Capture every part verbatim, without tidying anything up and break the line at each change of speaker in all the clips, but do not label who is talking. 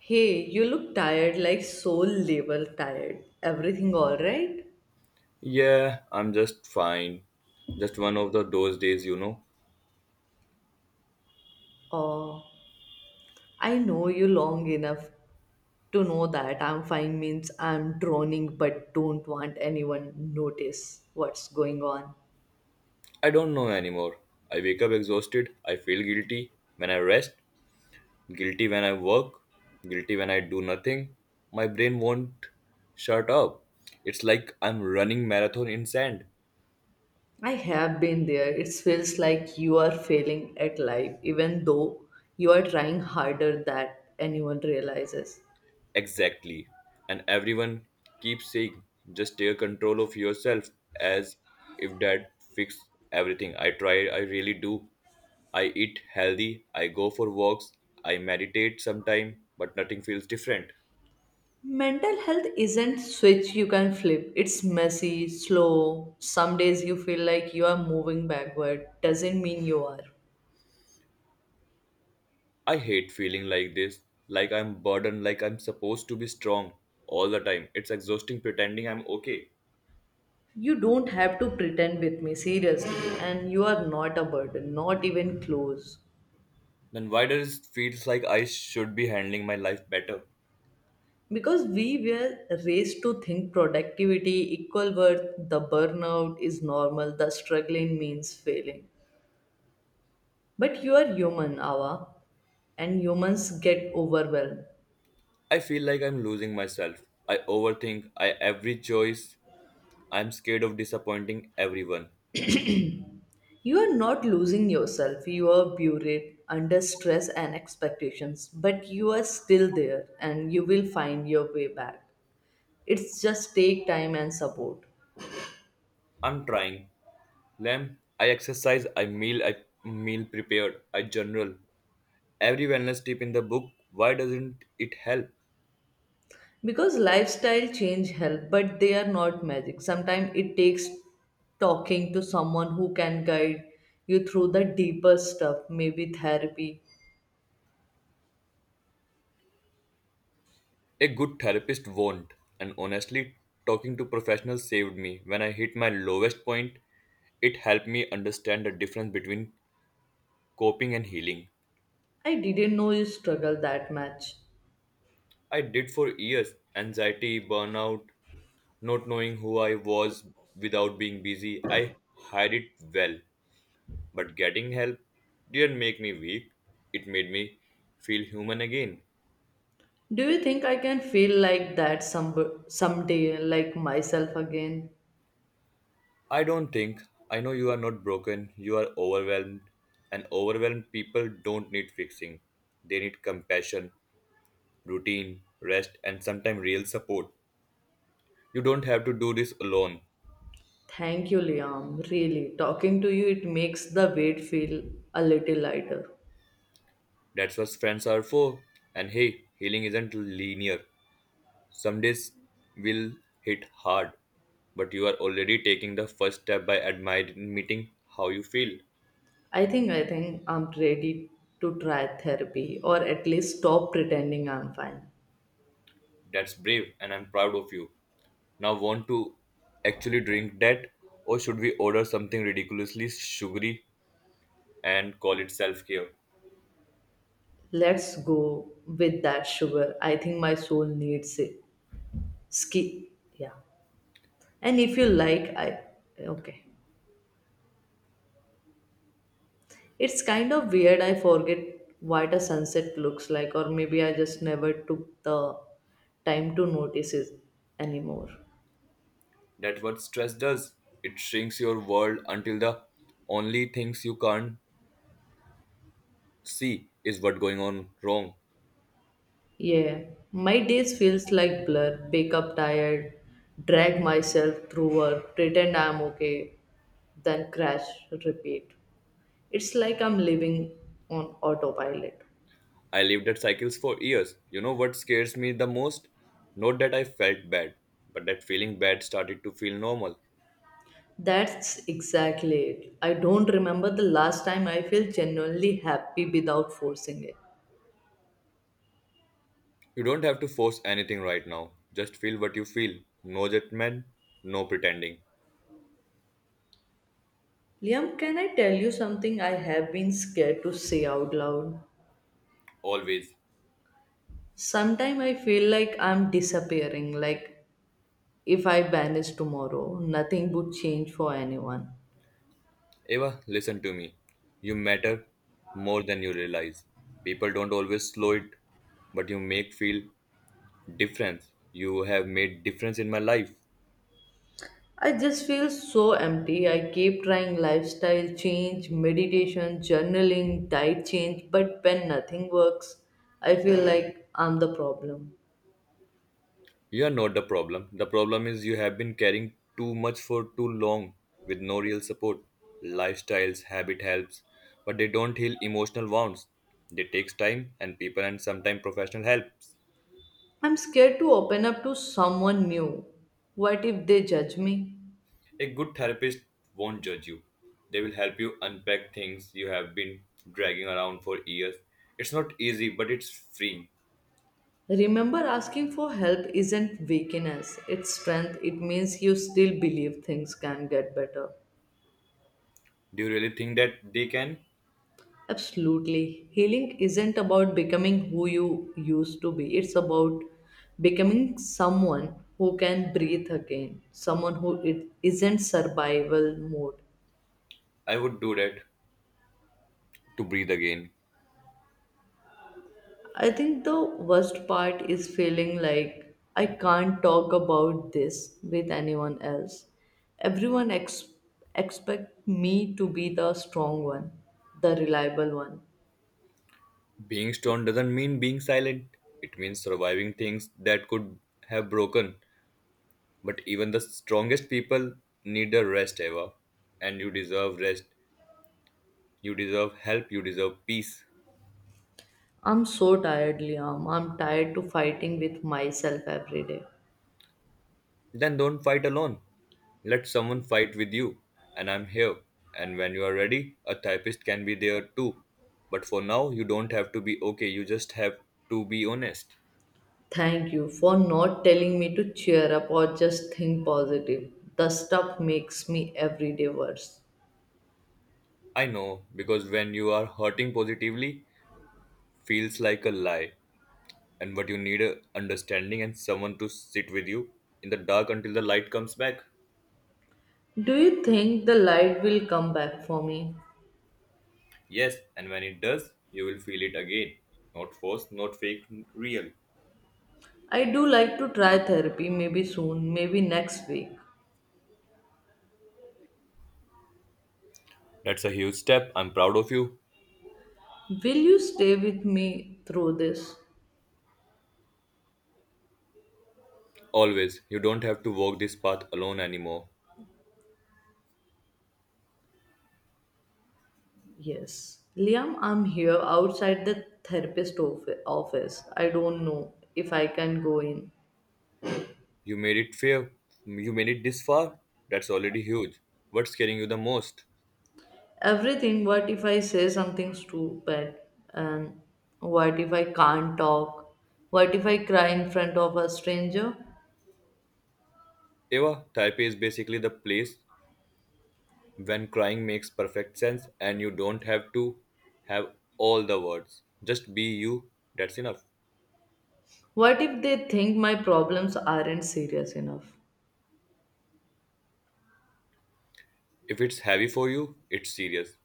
Hey, you look tired, like soul labor tired. Everything all right?
Yeah, I'm just fine. Just one of the those days, you know.
Oh, I know you long enough to know that I'm fine means I'm droning but don't want anyone notice what's going on.
I don't know anymore. I wake up exhausted. I feel guilty when I rest, guilty when I work, guilty when I do nothing. My brain won't shut up. It's like I'm running marathon in sand.
I have been there. It feels like you are failing at life even though you are trying harder that anyone realizes.
Exactly. And everyone keeps saying, just take control of yourself as if that fix everything. I try, I really do. I eat healthy, I go for walks, I meditate sometime, but nothing feels different.
Mental health isn't switch you can flip. It's messy, slow. Some days you feel like you are moving backward. Doesn't mean you are.
I hate feeling like this, like I'm burdened, like I'm supposed to be strong all the time. It's exhausting pretending I'm okay.
You don't have to pretend with me, seriously. And you are not a burden, not even close.
Then why does it feels like I should be handling my life better?
Because we were raised to think productivity, equal worth, the burnout is normal, the struggling means failing. But you are human, Awa, and humans get overwhelmed.
I feel like I'm losing myself. I overthink I every choice. I'm scared of disappointing everyone.
You are not losing yourself. You are buried under stress and expectations, but you are still there and you will find your way back. It's just take time and support.
I'm trying. Lamb, I exercise, I meal, I meal prepared, I journal. Every wellness tip in the book, why doesn't it help?
Because lifestyle change help, but they are not magic. Sometimes it takes talking to someone who can guide you through the deeper stuff, maybe therapy.
A good therapist won't. And honestly, talking to professionals saved me. When I hit my lowest point, it helped me understand the difference between coping and healing.
I didn't know you struggle that much.
I did for years anxiety, burnout, not knowing who I was without being busy. I hide it well. But getting help didn't make me weak, it made me feel human again.
Do you think I can feel like that some someday, like myself again?
I don't think, I know you are not broken, you are overwhelmed, and overwhelmed people don't need fixing. They need compassion, routine, rest, and sometimes real support. You don't have to do this alone.
Thank you, Liam. Really, talking to you, it makes the weight feel a little lighter.
That's what friends are for. And hey, healing isn't linear. Some days will hit hard, but you are already taking the first step by admiring meeting how you feel.
I think I think I'm ready to try therapy or at least stop pretending I'm fine.
That's brave, and I'm proud of you. Now, want to actually drink that, or should we order something ridiculously sugary and call it self care?
Let's go with that sugar. I think my soul needs it. Ski, yeah. And if you like, I okay. It's kind of weird. I forget what a sunset looks like, or maybe I just never took the time to notice it anymore.
That's what stress does. It shrinks your world until the only things you can't see is what going on wrong.
Yeah, my days feels like blur. Wake up tired, drag myself through work, pretend I'm okay, then crash, repeat. It's like I'm living on autopilot.
I lived at cycles for years. You know what scares me the most? Not that I felt bad, but that feeling bad started to feel normal.
That's exactly it. I don't remember the last time I feel genuinely happy without forcing it.
You don't have to force anything right now. Just feel what you feel. No judgment, no pretending.
Liam, can I tell you something I have been scared to say out loud?
Always.
Sometimes I feel like I'm disappearing, like if I vanished tomorrow, nothing would change for anyone.
Eva, listen to me. You matter more than you realize. People don't always slow it, but you make feel difference. You have made difference in my life.
I just feel so empty. I keep trying lifestyle change, meditation, journaling, diet change, but when nothing works, I feel like I'm the problem.
You are not the problem. The problem is you have been carrying too much for too long with no real support. Lifestyles, habit helps, but they don't heal emotional wounds. They takes time and people and sometimes professional help.
I'm scared to open up to someone new. What if they judge me?
A good therapist won't judge you. They will help you unpack things you have been dragging around for years. It's not easy, but it's free.
Remember, asking for help isn't weakness, it's strength. It means you still believe things can get better.
Do you really think that they can?
Absolutely. Healing isn't about becoming who you used to be, it's about becoming someone who can breathe again, someone who it isn't survival mode.
I would do that to breathe again.
I think the worst part is feeling like I can't talk about this with anyone else. Everyone ex- expect me to be the strong one, the reliable one.
Being strong doesn't mean being silent, it means surviving things that could have broken. But even the strongest people need a rest, Eva. And you deserve rest, you deserve help, you deserve peace.
I'm so tired, Liam. I'm tired to fighting with myself every day.
Then don't fight alone. Let someone fight with you. And I'm here. And when you are ready, a therapist can be there too. But for now, you don't have to be okay, you just have to be honest.
Thank you for not telling me to cheer up or just think positive. The stuff makes me every day worse.
I know, because when you are hurting positively, feels like a lie. And but you need a understanding and someone to sit with you in the dark until the light comes back.
Do you think the light will come back for me?
Yes, and when it does, you will feel it again. Not forced, not fake, real.
I do like to try therapy maybe soon, maybe next week.
That's a huge step. I'm proud of you.
Will you stay with me through this?
Always. You don't have to walk this path alone anymore.
Yes. Liam, I'm here outside the therapist of- office. I don't know if I can go in.
You made it fair. You made it this far. That's already huge. What's scaring you the most?
Everything. What if I say something stupid, and what if I can't talk, what if I cry in front of a stranger,
Eva, Taipei is basically the place when crying makes perfect sense and you don't have to have all the words. Just be you. That's enough.
what if they think my problems aren't serious enough?
If it's heavy for you, it's serious.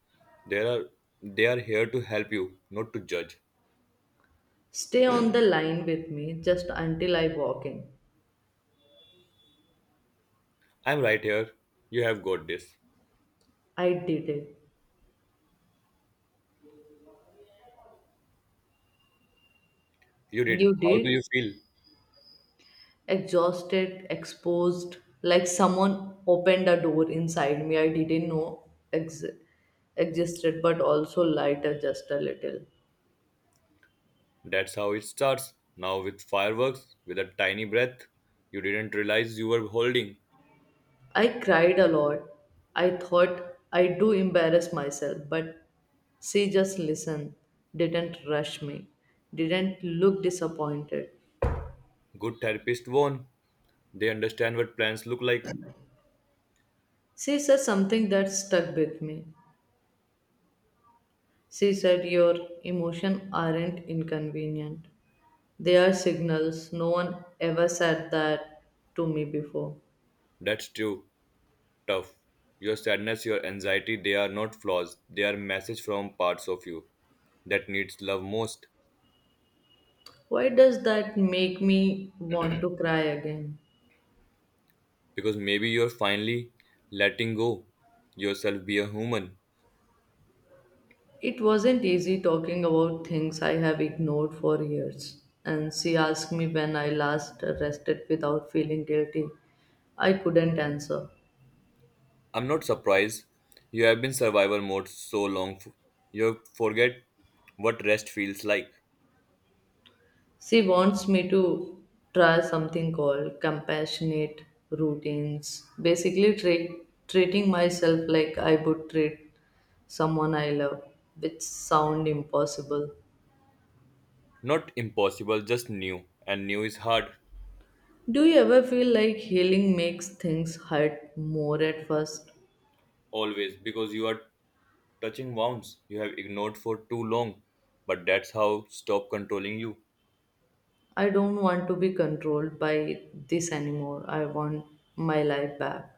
There are they are here to help you, not to judge.
Stay on the line with me just until I walk in.
I'm right here. You have got this.
I did it.
You did.
You
How do
did.
you feel?
Exhausted, exposed, like someone opened a door inside me I didn't know ex- existed, but also lighter, just a little.
That's how it starts. Now, with fireworks, with a tiny breath, you didn't realize you were holding.
I cried a lot. I thought I do embarrass myself, but she just listened, didn't rush me, didn't look disappointed.
Good therapist won. They understand what plans look like.
She said something that stuck with me. She said your emotions aren't inconvenient. They are signals. No one ever said that to me before.
That's true. Tough. Your sadness, your anxiety, they are not flaws. They are messages from parts of you that needs love most.
Why does that make me want to cry again?
Because maybe you're finally letting go yourself be a human.
It wasn't easy talking about things I have ignored for years, and she asked me when I last rested without feeling guilty. I couldn't answer.
I'm not surprised. You have been survivor mode so long. f- You forget what rest feels like.
She wants me to try something called compassionate routines, basically treat, treating myself like I would treat someone I love, which sound impossible.
Not impossible, just new. And new is hard,
Do you ever feel like healing makes things hurt more at first?
always, because you are touching wounds you have ignored for too long. But that's how stop controlling you.
I don't want to be controlled by this anymore. I want my life back.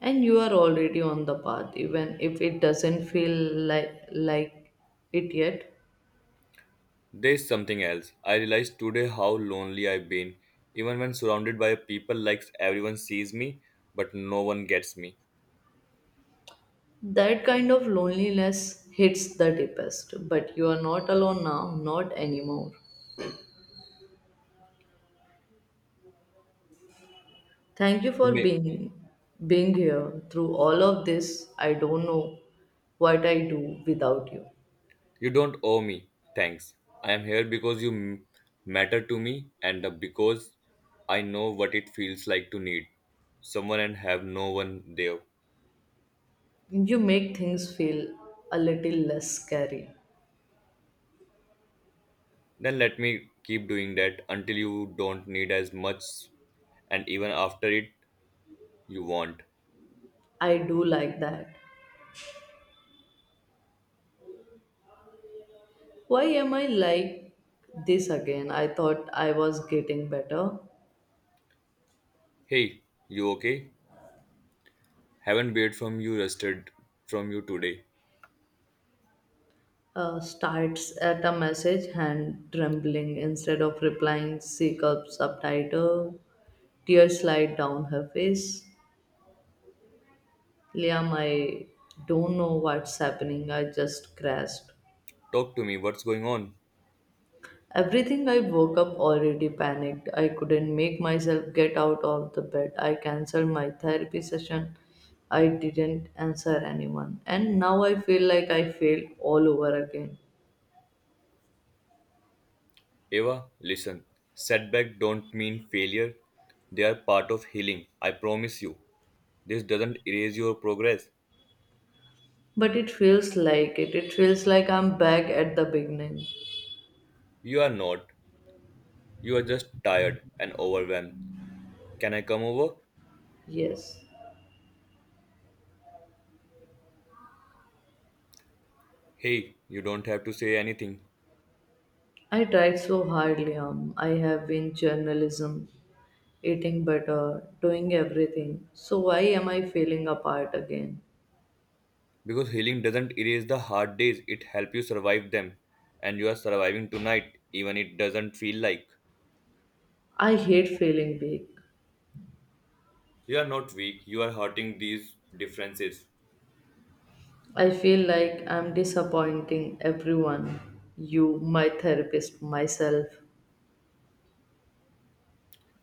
And you are already on the path, even if it doesn't feel like like it yet.
There's something else. I realized today how lonely I've been. Even when surrounded by people like everyone sees me, but no one gets me.
That kind of loneliness hits the deepest. But you are not alone now, not anymore. Thank you for
You may-
being being here through all of this. I don't know what I do without you.
you don't owe me. Thanks. I am here because you m- matter to me and because I know what it feels like to need someone and have no one there.
You make things feel a little less scary.
Then let me keep doing that until you don't need as much and even after it you want.
I do like that. Why am I like this again? I thought I was getting better.
Hey, you okay? Haven't heard from you rested from you today.
Uh, starts at a message, hand trembling instead of replying, seek up subtitle. Tears slide down her face. Liam, I don't know what's happening. I just crashed.
Talk to me, what's going on?
Everything. I woke up already panicked. I couldn't make myself get out of the bed. I cancelled my therapy session. I didn't answer anyone. And now I feel like I failed all over again.
Eva, listen. Setback don't mean failure. They are part of healing. I promise you. This doesn't erase your progress.
But it feels like it. It feels like I'm back at the beginning.
You are not. You are just tired and overwhelmed. Can I come over?
Yes.
Hey, you don't have to say anything.
I tried so hard, Liam. I have been journalism, eating better, doing everything. So why am I feeling apart again?
Because healing doesn't erase the hard days, it helps you survive them, and you are surviving tonight even it doesn't feel like.
I hate feeling big.
You are not weak, you are hurting these differences.
I feel like I'm disappointing everyone, you, my therapist, myself.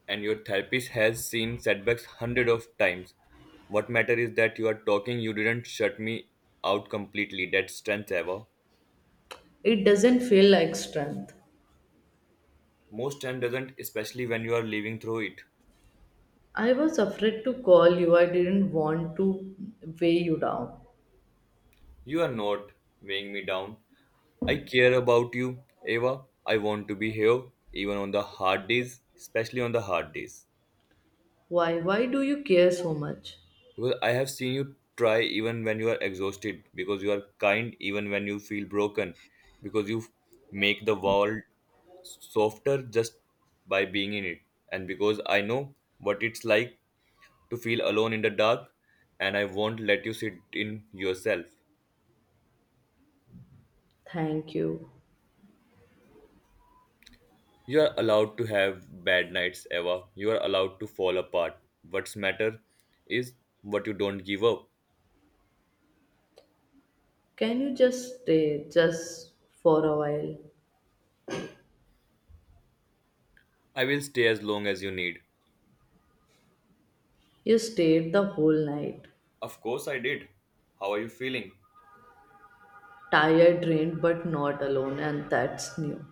And your therapist has seen setbacks hundred of times. What matter is that you are talking, you didn't shut me out completely. That's strength ever.
It doesn't feel like strength.
Most time doesn't, especially when you are living through it.
I was afraid to call you. I didn't want to weigh you down.
You are not weighing me down. I care about you, Eva. I want to be here, even on the hard days, especially on the hard days.
Why? Why do you care so much?
Because I have seen you try even when you are exhausted, because you are kind even when you feel broken, because you make the world softer just by being in it. And because I know what it's like to feel alone in the dark, and I won't let you sit in yourself.
Thank you.
You are allowed to have bad nights, Eva. You are allowed to fall apart. What's matter is what you don't give up.
Can you just stay, just for a while?
I will stay as long as you need.
You stayed the whole night.
Of course I did. How are you feeling?
Tired, drained, but not alone, and that's new.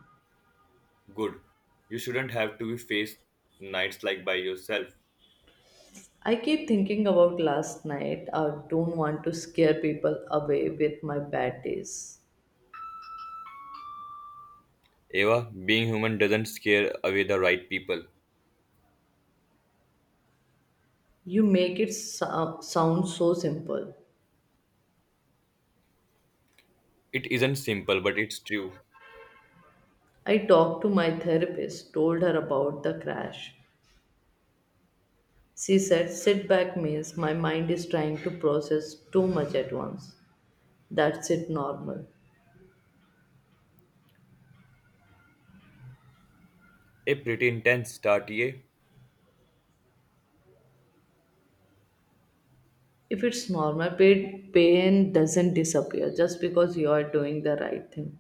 Good. You shouldn't have to be faced nights like by yourself.
I keep thinking about last night. I don't want to scare people away with my bad days.
Eva, being human doesn't scare away the right people.
You make it so- sound so simple.
It isn't simple, but it's true.
I talked to my therapist, told her about the crash. She said, sit back means my mind is trying to process too much at once. That's it, normal.
A pretty intense start, yeah?
If it's normal, pain pain doesn't disappear just because you are doing the right thing.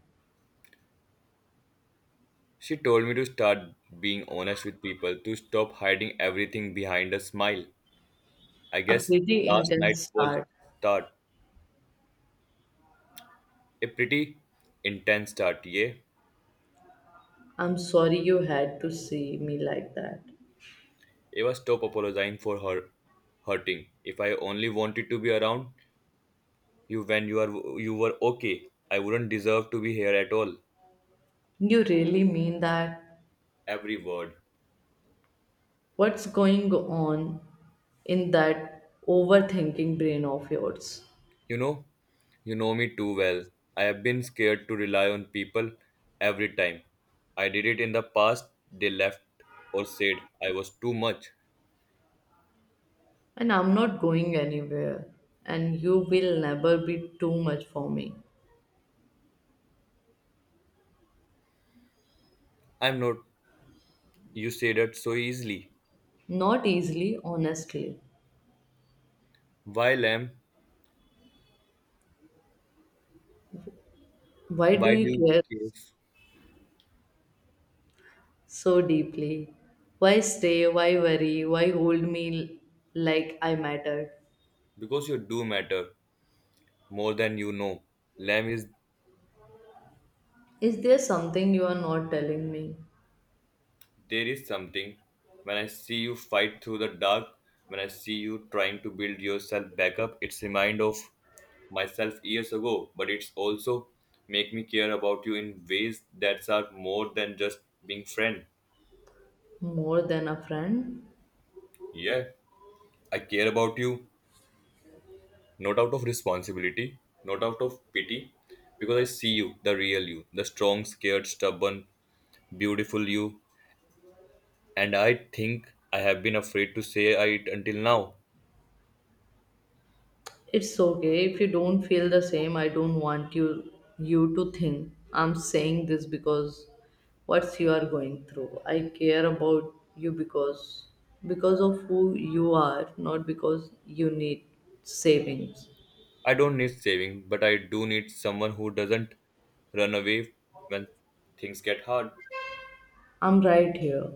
She told me to start being honest with people, to stop hiding everything behind a smile. I
A
guess
pretty
last night
intense
was
start.
start a pretty intense start. Yeah.
I'm sorry you had to see me like that.
Eva, stop apologizing for her hurting. If I only wanted to be around you when you are you were okay, I wouldn't deserve to be here at all.
You really mean that?
Every word.
What's going on in that overthinking brain of yours?
You know, you know me too well. I have been scared to rely on people every time. I did it in the past. They left or said I was too much.
And I'm not going anywhere, and you will never be too much for me.
I'm not. You say that so easily.
Not easily, honestly.
Why, lamb?
Why do
Why do
you
you
care
care?
so deeply? Why stay? Why worry? Why hold me l- like I mattered?
Because you do matter more than you know. Lamb is
Is there something you are not telling me
there is something. When I see you fight through the dark, when I see you trying to build yourself back up, it's remind of myself years ago. But it's also make me care about you in ways that are more than just being friend.
more than a friend?
Yeah, I care about you not out of responsibility, not out of pity, because I see you, the real you, the strong, scared, stubborn, beautiful you and I think I have been afraid to say it until now.
It's okay if you don't feel the same. I don't want you you to think I'm saying this because what you are going through. I care about you because because of who you are, not because you need savings.
I don't need saving, but I do need someone who doesn't run away when things get hard.
I'm right here.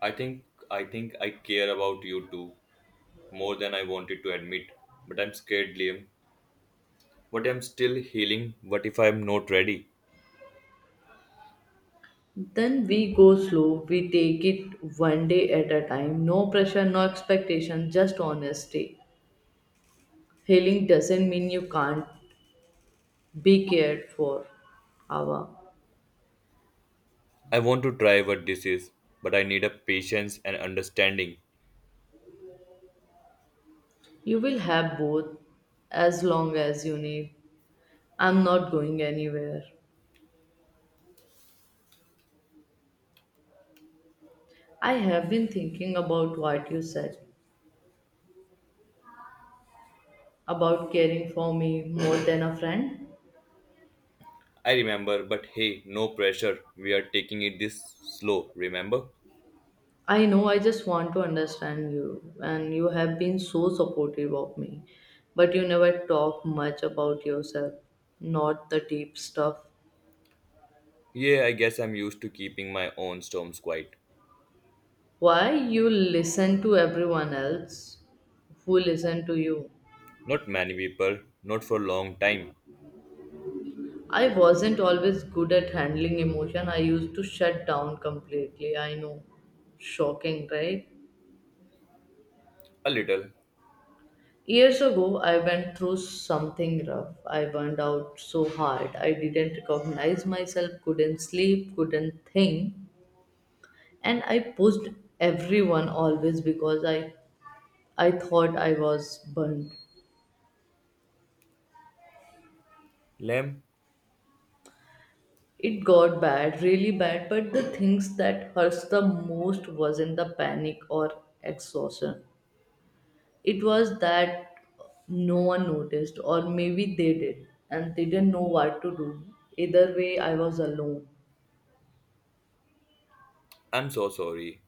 I think I think I care about you too more than I wanted to admit, but I'm scared, Liam. What I'm still healing. What if I'm not ready?
Then we go slow, we take it one day at a time. No pressure, no expectation, just honesty. Healing doesn't mean you can't be cared for, Ava.
I want to try what this is, but I need a patience and understanding.
You will have both as long as you need. I'm not going anywhere. I have been thinking about what you said about caring for me more than a friend.
I remember, but hey, no pressure. We are taking it this slow, remember?
I know, I just want to understand you, and you have been so supportive of me, but you never talk much about yourself, not the deep stuff.
Yeah, I guess I'm used to keeping my own storms quiet.
Why you listen to everyone else who listen to you?
Not many people, not for long time.
I wasn't always good at handling emotion. I used to shut down completely. I know. Shocking, right?
A little.
Years ago, I went through something rough. I burned out so hard. I didn't recognize myself, couldn't sleep, couldn't think. And I pushed everyone always because I, I thought I was burned.
Lem,
It got bad, really bad, but the things that hurts the most wasn't the panic or exhaustion. It was that no one noticed, or maybe they did and they didn't know what to do. Either way I was alone.
I'm so sorry.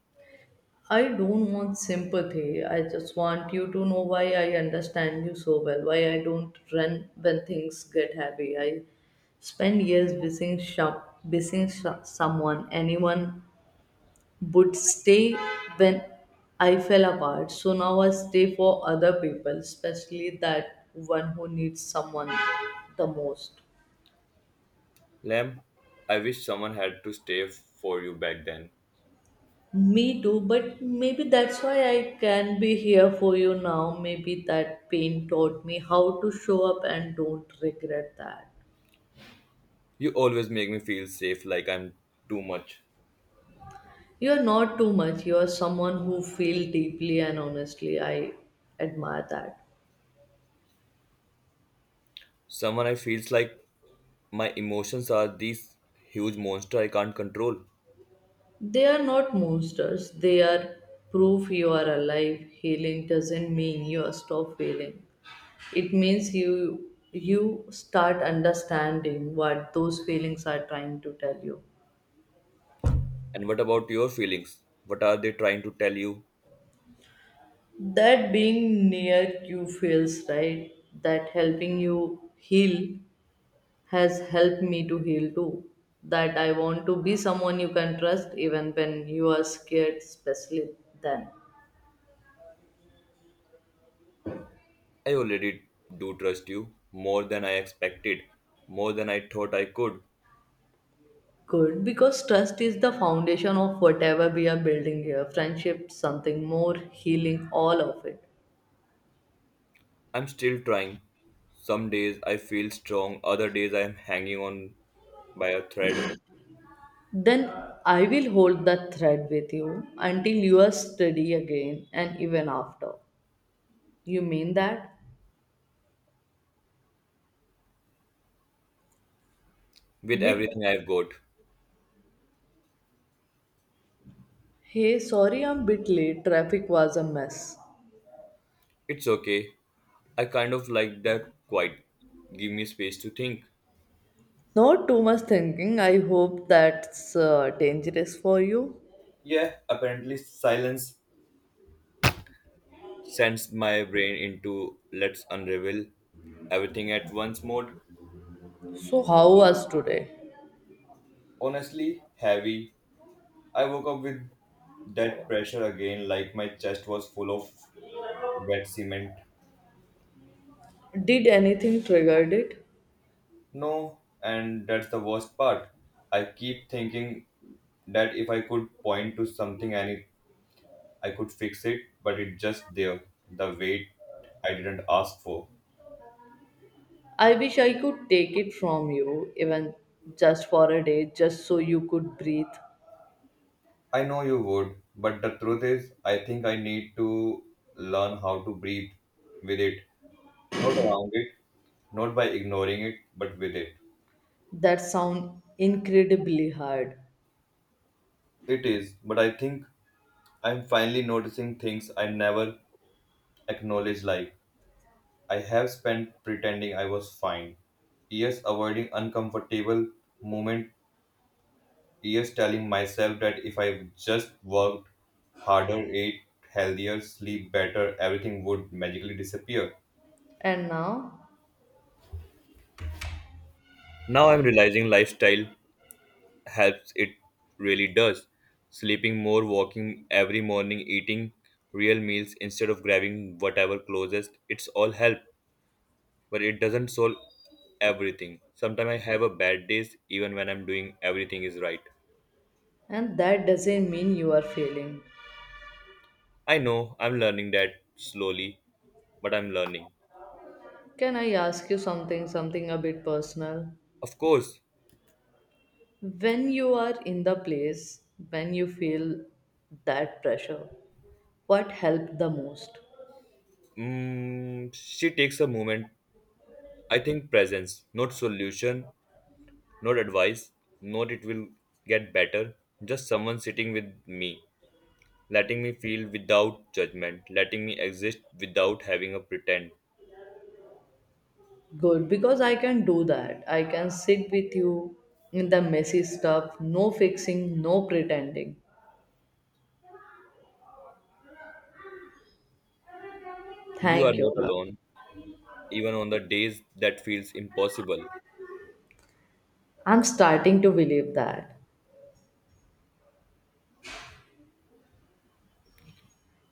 I don't want sympathy, I just want you to know why I understand you so well, why I don't run when things get heavy. I spend years missing, shop, missing sh- someone, anyone would stay when I fell apart. So now I stay for other people, especially that one who needs someone the most.
Lem, I wish someone had to stay for you back then.
Me too, but maybe that's why I can be here for you now. Maybe that pain taught me how to show up and don't regret that.
You always make me feel safe like I'm too much.
You're not too much. You're someone who feels deeply and honestly. I admire that.
Someone I feels like my emotions are these huge monster I can't control.
They are not monsters. They are proof you are alive. Healing doesn't mean you stop feeling. It means you you start understanding what those feelings are trying to tell you.
And what about your feelings? What are they trying to tell you?
That being near you feels right. That helping you heal has helped me to heal too. That I want to be someone you can trust even when you are scared, especially then.
I already do trust you more than I expected, more than I thought I could.
Good, because trust is the foundation of whatever we are building here, friendship, something more, healing, all of it.
I'm still trying. Some days I feel strong, other days I'm hanging on by a thread
Then I will hold that thread with you until you are steady again and even after. You mean that?
with
With,
everything I've got.
hey, sorry I'm bit late, traffic was a mess.
It's okay. I kind of like that quiet. Give me space to think.
Not too much thinking, I hope. That's uh, dangerous for you.
Yeah, apparently silence sends my brain into let's unravel everything at once mode.
So, how was today?
Honestly, heavy. I woke up with that pressure again, like my chest was full of wet cement.
Did anything triggered it?
No, and that's the worst part. I keep thinking that if I could point to something and it, I could fix it, but it's just there, the weight I didn't ask for.
I wish I could take it from you, even just for a day, just so you could breathe.
I know you would, but the truth is, I think I need to learn how to breathe with it, not around it, not by ignoring it, but with it.
That sound incredibly hard.
It is, but I think I'm finally noticing things I never acknowledged, like I have spent pretending I was fine, years avoiding uncomfortable moments, years telling myself that if I just worked harder, ate healthier, sleep better, everything would magically disappear.
And now,
Now I'm realizing lifestyle helps, it really does. Sleeping more, walking every morning, eating real meals instead of grabbing whatever closest, it's all help. But it doesn't solve everything. Sometimes I have a bad days even when I'm doing everything is right.
and that doesn't mean you are failing.
I know I'm learning that slowly, but I'm learning.
Can I ask you something, something a bit personal?
Of course,
When you are in the place, when you feel that pressure, what helped the most?
mm, she takes a moment. I think presence, not solution, not advice, not it will get better. Just someone sitting with me, letting me feel without judgment, letting me exist without having a pretend.
Good, because I can do that. I can sit with you in the messy stuff, no fixing, no pretending.
You are
Thank you.
not alone, even on the days that feels impossible.
I'm starting to believe that.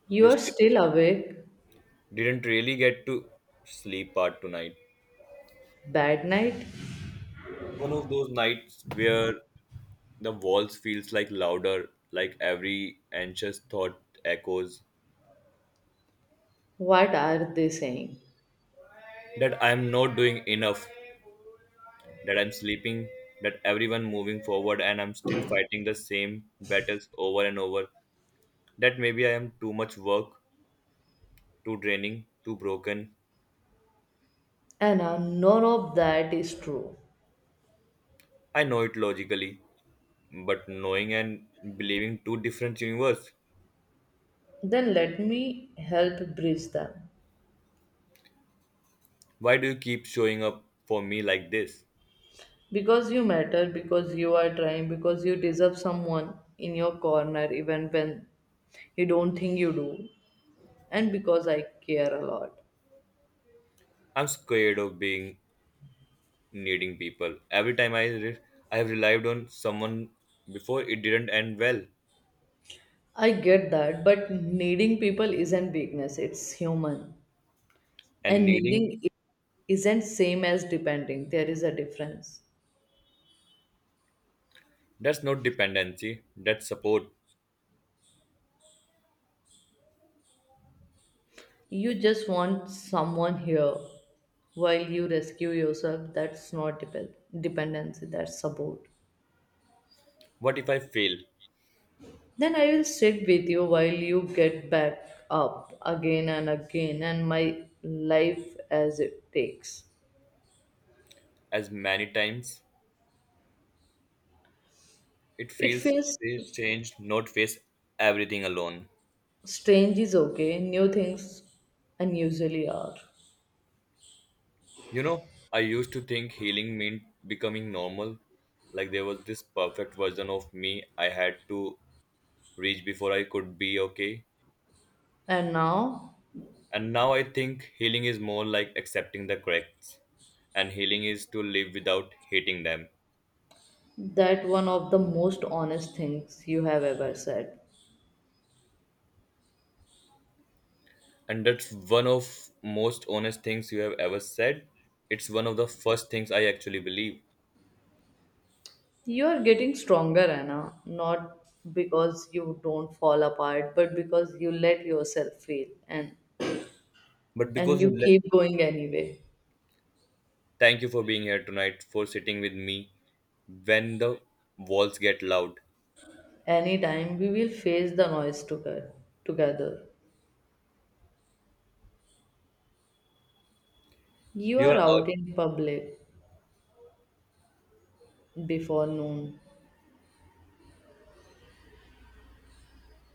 You
You
are
still
still awake,
didn't really get to sleep part tonight.
bad night?
One of those nights where the walls feels like louder, like every anxious thought echoes
What are they saying?
that I'm not doing enough, that I'm sleeping, that everyone moving forward and I'm still fighting the same battles over and over. That maybe I am too much work, too draining, too broken.
Anna, none of that is true.
I know it logically, but knowing and believing two different universe.
Then let me help bridge them.
Why do you keep showing up for me like this?
Because you matter, because you are trying, because you deserve someone in your corner even when you don't think you do, and because I care a lot.
I'm scared of being needing people. Every time I re- I have relied on someone before, it didn't end well.
I get that, but needing people isn't weakness, it's human.
And
And needing
needing
i- isn't same as depending, there is a difference.
that's not dependency, that's support.
You just want someone here while you rescue yourself, that's not depend- dependency, that's support.
What if I fail?
Then I will sit with you while you get back up again and again and my life as it takes.
As many times, it
It
feels
feels
strange not face everything alone.
strange is okay, new things unusually are.
You know, I used to think healing meant becoming normal. Like there was this perfect version of me I had to reach before I could be okay.
And now
And now I think healing is more like accepting the cracks, and healing is to live without hating them.
that one of the most honest things you have ever said.
And that's one of most honest things you have ever said. It's one of the first things I actually believe.
You are getting stronger, Anna, not because you don't fall apart, but because you let yourself feel and
But
and
because
you
you let,
keep going anyway.
thank you for being here tonight, for sitting with me when the walls get loud.
Anytime we will face the noise together together. You
You
are
are out
out in public before noon